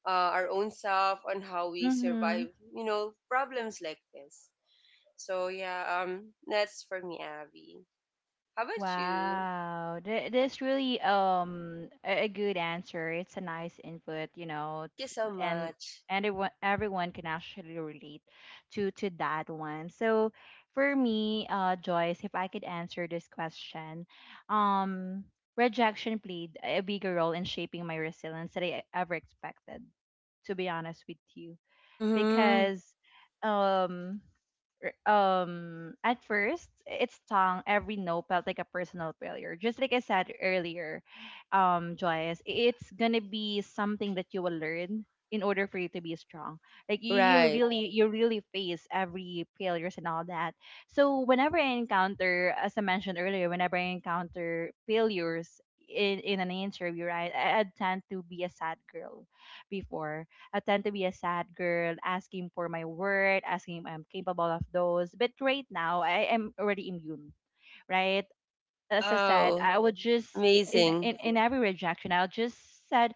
Speaker 2: our own self on how we
Speaker 1: Mm-hmm.
Speaker 2: survive, you know, problems like this. So yeah, that's for me, Abby. How about you?
Speaker 1: Wow, this really a good answer. It's a nice input, you know,
Speaker 2: Thank you so
Speaker 1: and
Speaker 2: much.
Speaker 1: everyone can actually relate to that one. So for me, Joyce, if I could answer this question, um, rejection played a bigger role in shaping my resilience than I ever expected. To be honest with you,
Speaker 2: Mm-hmm.
Speaker 1: because um at first its tongue every no felt like a personal failure, just like I said earlier. Joyce, it's gonna be something that you will learn in order for you to be strong. Like
Speaker 2: Right.
Speaker 1: you really face every failures and all that. So whenever I encounter, as I mentioned earlier, whenever I encounter failures in an interview, right, I tend to be a sad girl before. I tend to be a sad girl, asking for my word, asking if I'm capable of those. But right now, I am already immune, right? As I said,
Speaker 2: Wow,
Speaker 1: I would just
Speaker 2: amazing.
Speaker 1: in every rejection, I'll just said,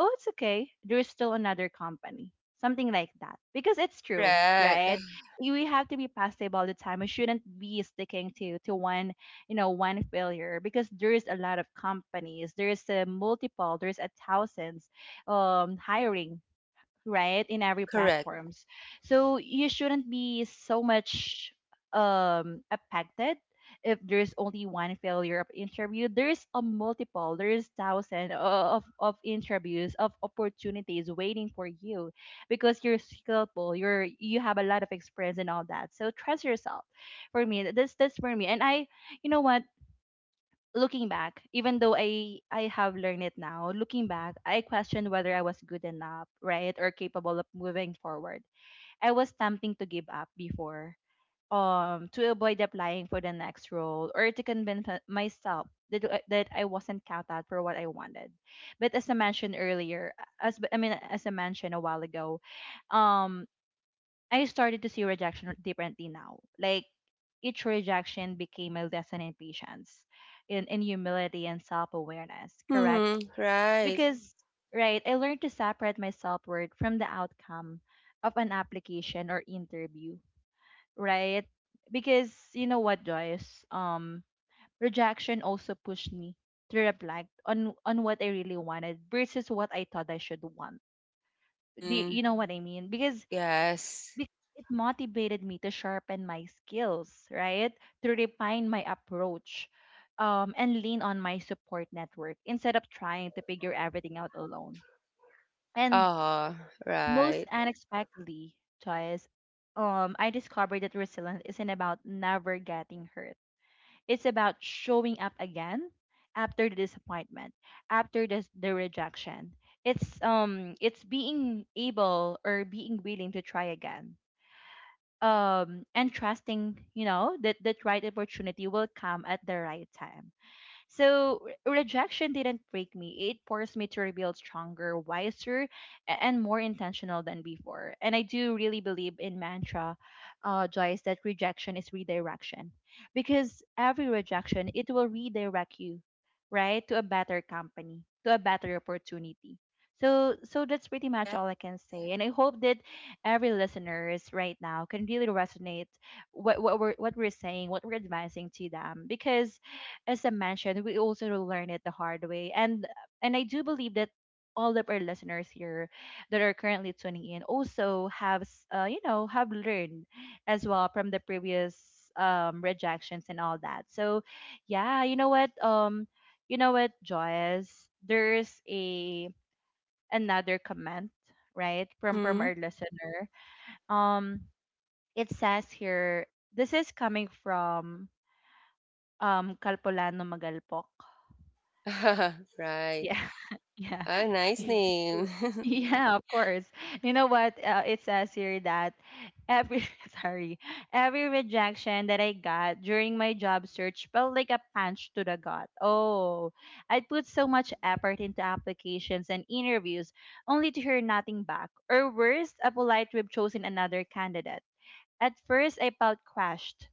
Speaker 1: "Oh, it's okay. There's still another company." Something like that, because it's true,
Speaker 2: Correct.
Speaker 1: right? We have to be positive all the time. We shouldn't be sticking to one, you know, one failure, because there is a lot of companies. There is a multiple. There is a thousands hiring right in every
Speaker 2: Correct.
Speaker 1: platforms. So you shouldn't be so much affected if there's only one failure of interview. There's a multiple, there's thousand of interviews, of opportunities waiting for you, because you're skillful, you're you have a lot of experience and all that. So trust yourself. For me, that's for me. And I you know what, looking back, even though I have learned it now, looking back, I questioned whether I was good enough, right, or capable of moving forward. I was tempting to give up before, to avoid applying for the next role or to convince myself that that I wasn't counted for what I wanted. But as I mentioned earlier, as I mentioned a while ago, um I started to see rejection differently now. Like each rejection became a lesson in patience, in humility and self awareness, correct?
Speaker 2: Hmm.
Speaker 1: Mm-hmm.
Speaker 2: Right.
Speaker 1: Because, right, I learned to separate my self worth from the outcome of an application or interview, right? Because you know what, Joyce? Rejection also pushed me to reflect on what I really wanted versus what I thought I should want. Do you,
Speaker 2: Hmm.
Speaker 1: you know what I mean? Because
Speaker 2: Yes.
Speaker 1: it motivated me to sharpen my skills, right? To refine my approach, and lean on my support network instead of trying to figure everything out alone. And
Speaker 2: Ah,
Speaker 1: most
Speaker 2: right.
Speaker 1: unexpectedly, Joyce, I discovered that resilience isn't about never getting hurt. It's about showing up again after the disappointment, after the rejection. It's being able or being willing to try again and trusting, you know, that that right opportunity will come at the right time. So rejection didn't break me. It forced me to rebuild stronger, wiser, and more intentional than before. And I do really believe in mantra, Joyce, that rejection is redirection. Because every rejection, it will redirect you, right, to a better company, to a better opportunity. So that's pretty much
Speaker 2: Correct.
Speaker 1: all I can say. And I hope that every listeners right now can really resonate what we're saying, what we're advising to them. Because as I mentioned, we also learn it the hard way. And I do believe that all of our listeners here that are currently tuning in also have you know, have learned as well from the previous rejections and all that. So yeah, you know what, you know what, Joyce, there's a another comment right from
Speaker 2: Hmm.
Speaker 1: our listener. Um, it says here, this is coming from Calpolano Magalpok.
Speaker 2: Right.
Speaker 1: Yeah. Yeah.
Speaker 2: A nice
Speaker 1: Yeah. True.
Speaker 2: name.
Speaker 1: Yeah, of course. You know what? It says here that every sorry, every rejection that I got during my job search felt like a punch to the gut. Oh, I'd put so much effort into applications and interviews only to hear nothing back, or worse, a polite rib chosen another candidate. At first, I felt crushed,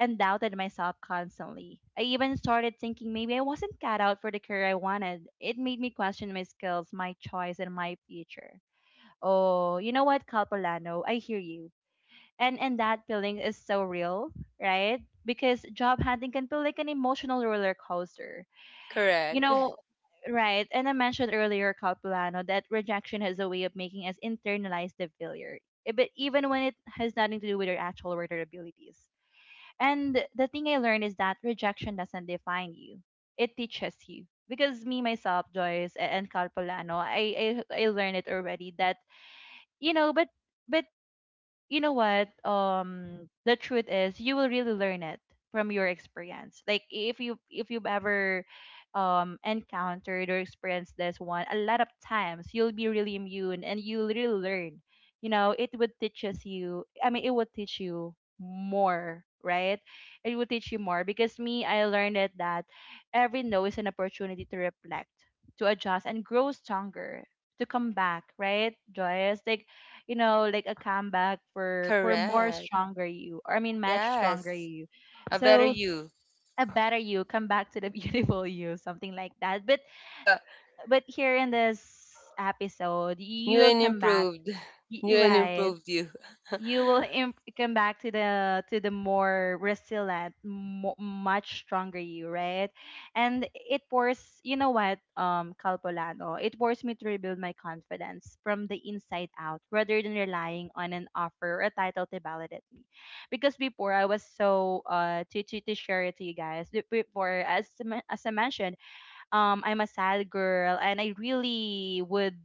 Speaker 1: and doubted myself constantly. I even started thinking maybe I wasn't cut out for the career I wanted. It made me question my skills, my choice, and my future. Oh, you know what, Calpolano? I hear you. And that feeling is so real, right? Because job hunting can feel like an emotional roller coaster. You
Speaker 2: Correct.
Speaker 1: know, right? And I mentioned earlier, Calpolano, that rejection has a way of making us internalize the failure. But even when it has nothing to do with our actual work or abilities. And the thing I learned is that rejection doesn't define you; it teaches you. Because me myself, Joyce, and Carl Polano, I learned it already that you know, but you know what, the truth is you will really learn it from your experience. Like if you if you've ever encountered or experienced this one a lot of times, you'll be really immune and you'll really learn. You know, it would teaches you, I mean it would teach you more, right? It would teach you more, because me, I learned it that every no is an opportunity to reflect, to adjust and grow stronger, to come back, right, Joyous? Like, you know, like a comeback for more
Speaker 2: Correct.
Speaker 1: stronger you, or I mean, much stronger
Speaker 2: Yes.
Speaker 1: you.
Speaker 2: A better
Speaker 1: So
Speaker 2: you.
Speaker 1: a better you, come back to the beautiful you, something like that. But here in this episode,
Speaker 2: New
Speaker 1: you'll
Speaker 2: and
Speaker 1: come back,
Speaker 2: improved. New and
Speaker 1: right?
Speaker 2: improved you.
Speaker 1: You will come back to the more resilient much stronger you, right? And it pours, you know what, Calpolano, it forced me to rebuild my confidence from the inside out rather than relying on an offer or a title to validate me. Because before, I was so to share it to you guys, before, as I mentioned, I'm a sad girl, and I really would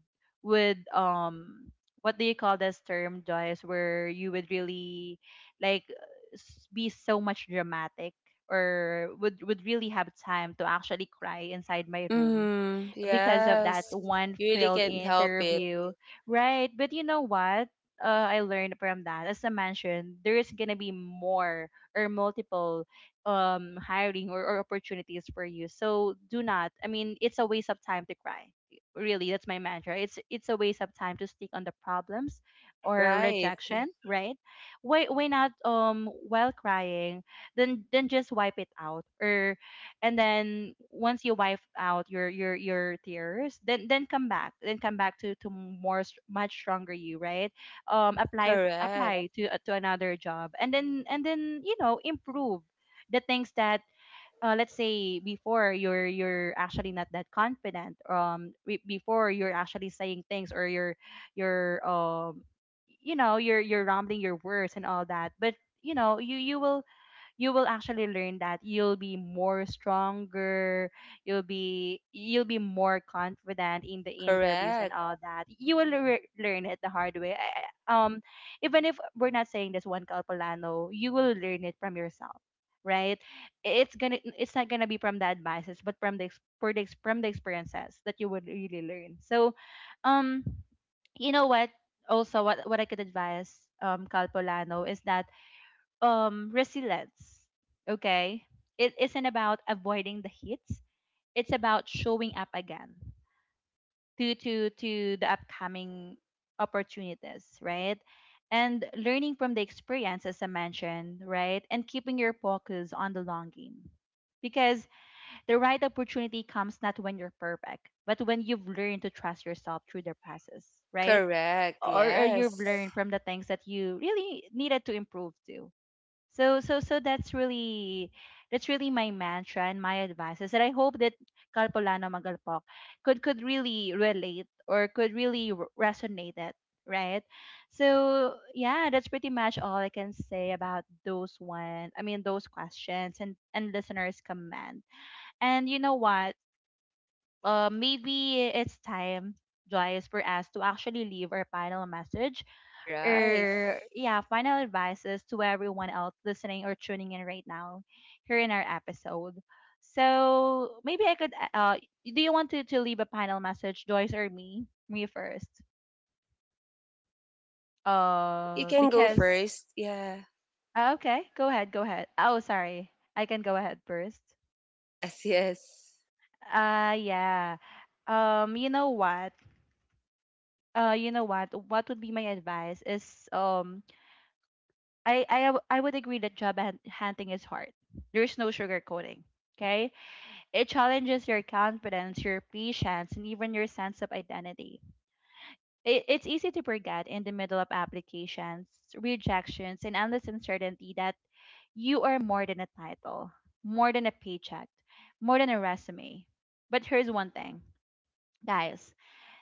Speaker 1: would um what do you call this term, Joyce, where you would really like be so much dramatic, or would really have time to actually cry inside my room
Speaker 2: Hmm.
Speaker 1: because of that
Speaker 2: Yes.
Speaker 1: one
Speaker 2: You really
Speaker 1: failed
Speaker 2: can't help it.
Speaker 1: interview, right? But you know what? I learned from that. As I mentioned, there is gonna be more or multiple hiring or, opportunities for you. So do not. I mean, it's a waste of time to cry. Really, that's my mantra. It's a waste of time to stick on the problems or
Speaker 2: Right.
Speaker 1: rejection, right? Why not, while crying, then just wipe it out, or and then once you wipe out your tears, then come back, then come back to more much stronger you, right? Apply f-
Speaker 2: Correct.
Speaker 1: apply to another job, and then you know, improve the things that, let's say before, you're actually not that confident. Before, you're actually saying things, or you're um you know, you're rambling your words and all that. But you know, you will, you will actually learn that you'll be more stronger, you'll be, you'll be more confident in the interviews and
Speaker 2: Correct.
Speaker 1: all that. You will learn it the hard way. I- um Even if we're not saying this one, Calpolano, you will learn it from yourself, right? It's gonna, it's not gonna be from the advices, but from the from the experiences that you would really learn. So, um you know what, also what I could advise, Calpolano, is that, resilience, okay, it isn't about avoiding the hits. It's about showing up again to the upcoming opportunities, right? And learning from the experience, as I mentioned, right? And keeping your focus on the long game, because the right opportunity comes not when you're perfect, but when you've learned to trust yourself through the process, right?
Speaker 2: Correct.
Speaker 1: Or you've
Speaker 2: Yes.
Speaker 1: learned from the things that you really needed to improve to. So that's really, that's really my mantra and my advice, is that I hope that Kalpolano Magalpok could really relate, or could really resonate it, right? So yeah, that's pretty much all I can say about those one. I mean, those questions and listeners' comment. And you know what? Maybe it's time, Joyce, for us to actually leave our final message,
Speaker 2: All right.
Speaker 1: or yeah, final advices to everyone else listening or tuning in right now here in our episode. So maybe I could, do you want to leave a final message, Joyce, or me? Me first.
Speaker 2: You can go
Speaker 1: Because
Speaker 2: first. Yeah.
Speaker 1: okay, go ahead, go ahead. Oh, sorry. I can go ahead first.
Speaker 2: Yes, yes.
Speaker 1: Yeah. You know what? You know what? What would be my advice is, I would agree that job hunting is hard. There's no sugarcoating. Okay, it challenges your confidence, your patience, and even your sense of identity. It's easy to forget in the middle of applications, rejections, and endless uncertainty that you are more than a title, more than a paycheck, more than a resume. But here's one thing, guys: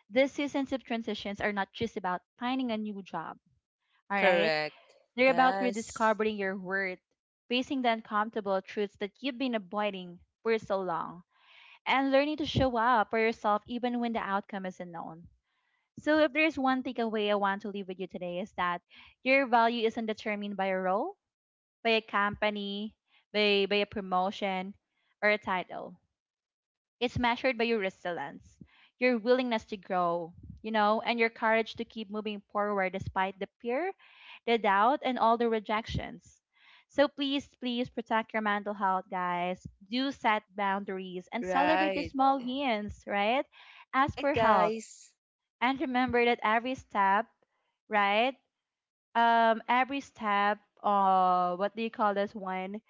Speaker 1: these seasons of transitions are not just about finding a new job. All right,
Speaker 2: Correct.
Speaker 1: they're about
Speaker 2: Yes.
Speaker 1: rediscovering your worth, facing the uncomfortable truths that you've been avoiding for so long, and learning to show up for yourself even when the outcome isn't known. So, if there's one takeaway I want to leave with you today, is that your value isn't determined by a role, by a company, by a promotion, or a title. It's measured by your resilience, your willingness to grow, you know, and your courage to keep moving forward despite the fear, the doubt, and all the rejections. So please, please protect your mental health, guys. Do set boundaries and celebrate the
Speaker 2: Right.
Speaker 1: small wins, right? Ask
Speaker 2: Right,
Speaker 1: for help.
Speaker 2: guys.
Speaker 1: And remember that every step, right? Every step, what do you call this one?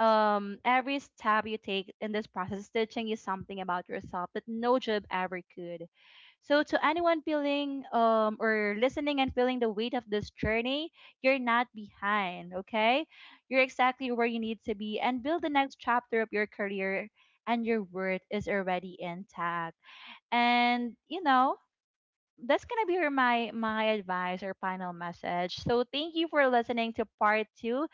Speaker 1: Every step you take in this process is teaching you something about yourself that no job ever could. So to anyone feeling, or listening and feeling the weight of this journey, you're not behind, okay? You're exactly where you need to be and build the next chapter of your career, and your worth is already intact. And you know, that's gonna be my advice or final message. So thank you for listening to part 2.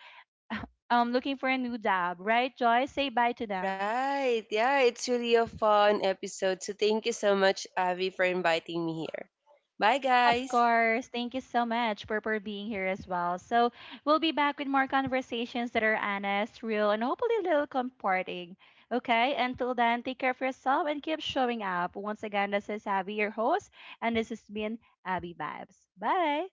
Speaker 1: Looking for a new job, right, Joyce? Say bye to them.
Speaker 2: Right. Yeah, it's really a fun episode. So thank you so much, Avi, for inviting me here. Bye,
Speaker 1: Of
Speaker 2: guys.
Speaker 1: course. Thank you so much for being here as well. So we'll be back with more conversations that are honest, real, and hopefully a little comforting. Okay, until then, take care of yourself and keep showing up. Once again, this is Abby, your host, and this has been Abby Vibes. Bye.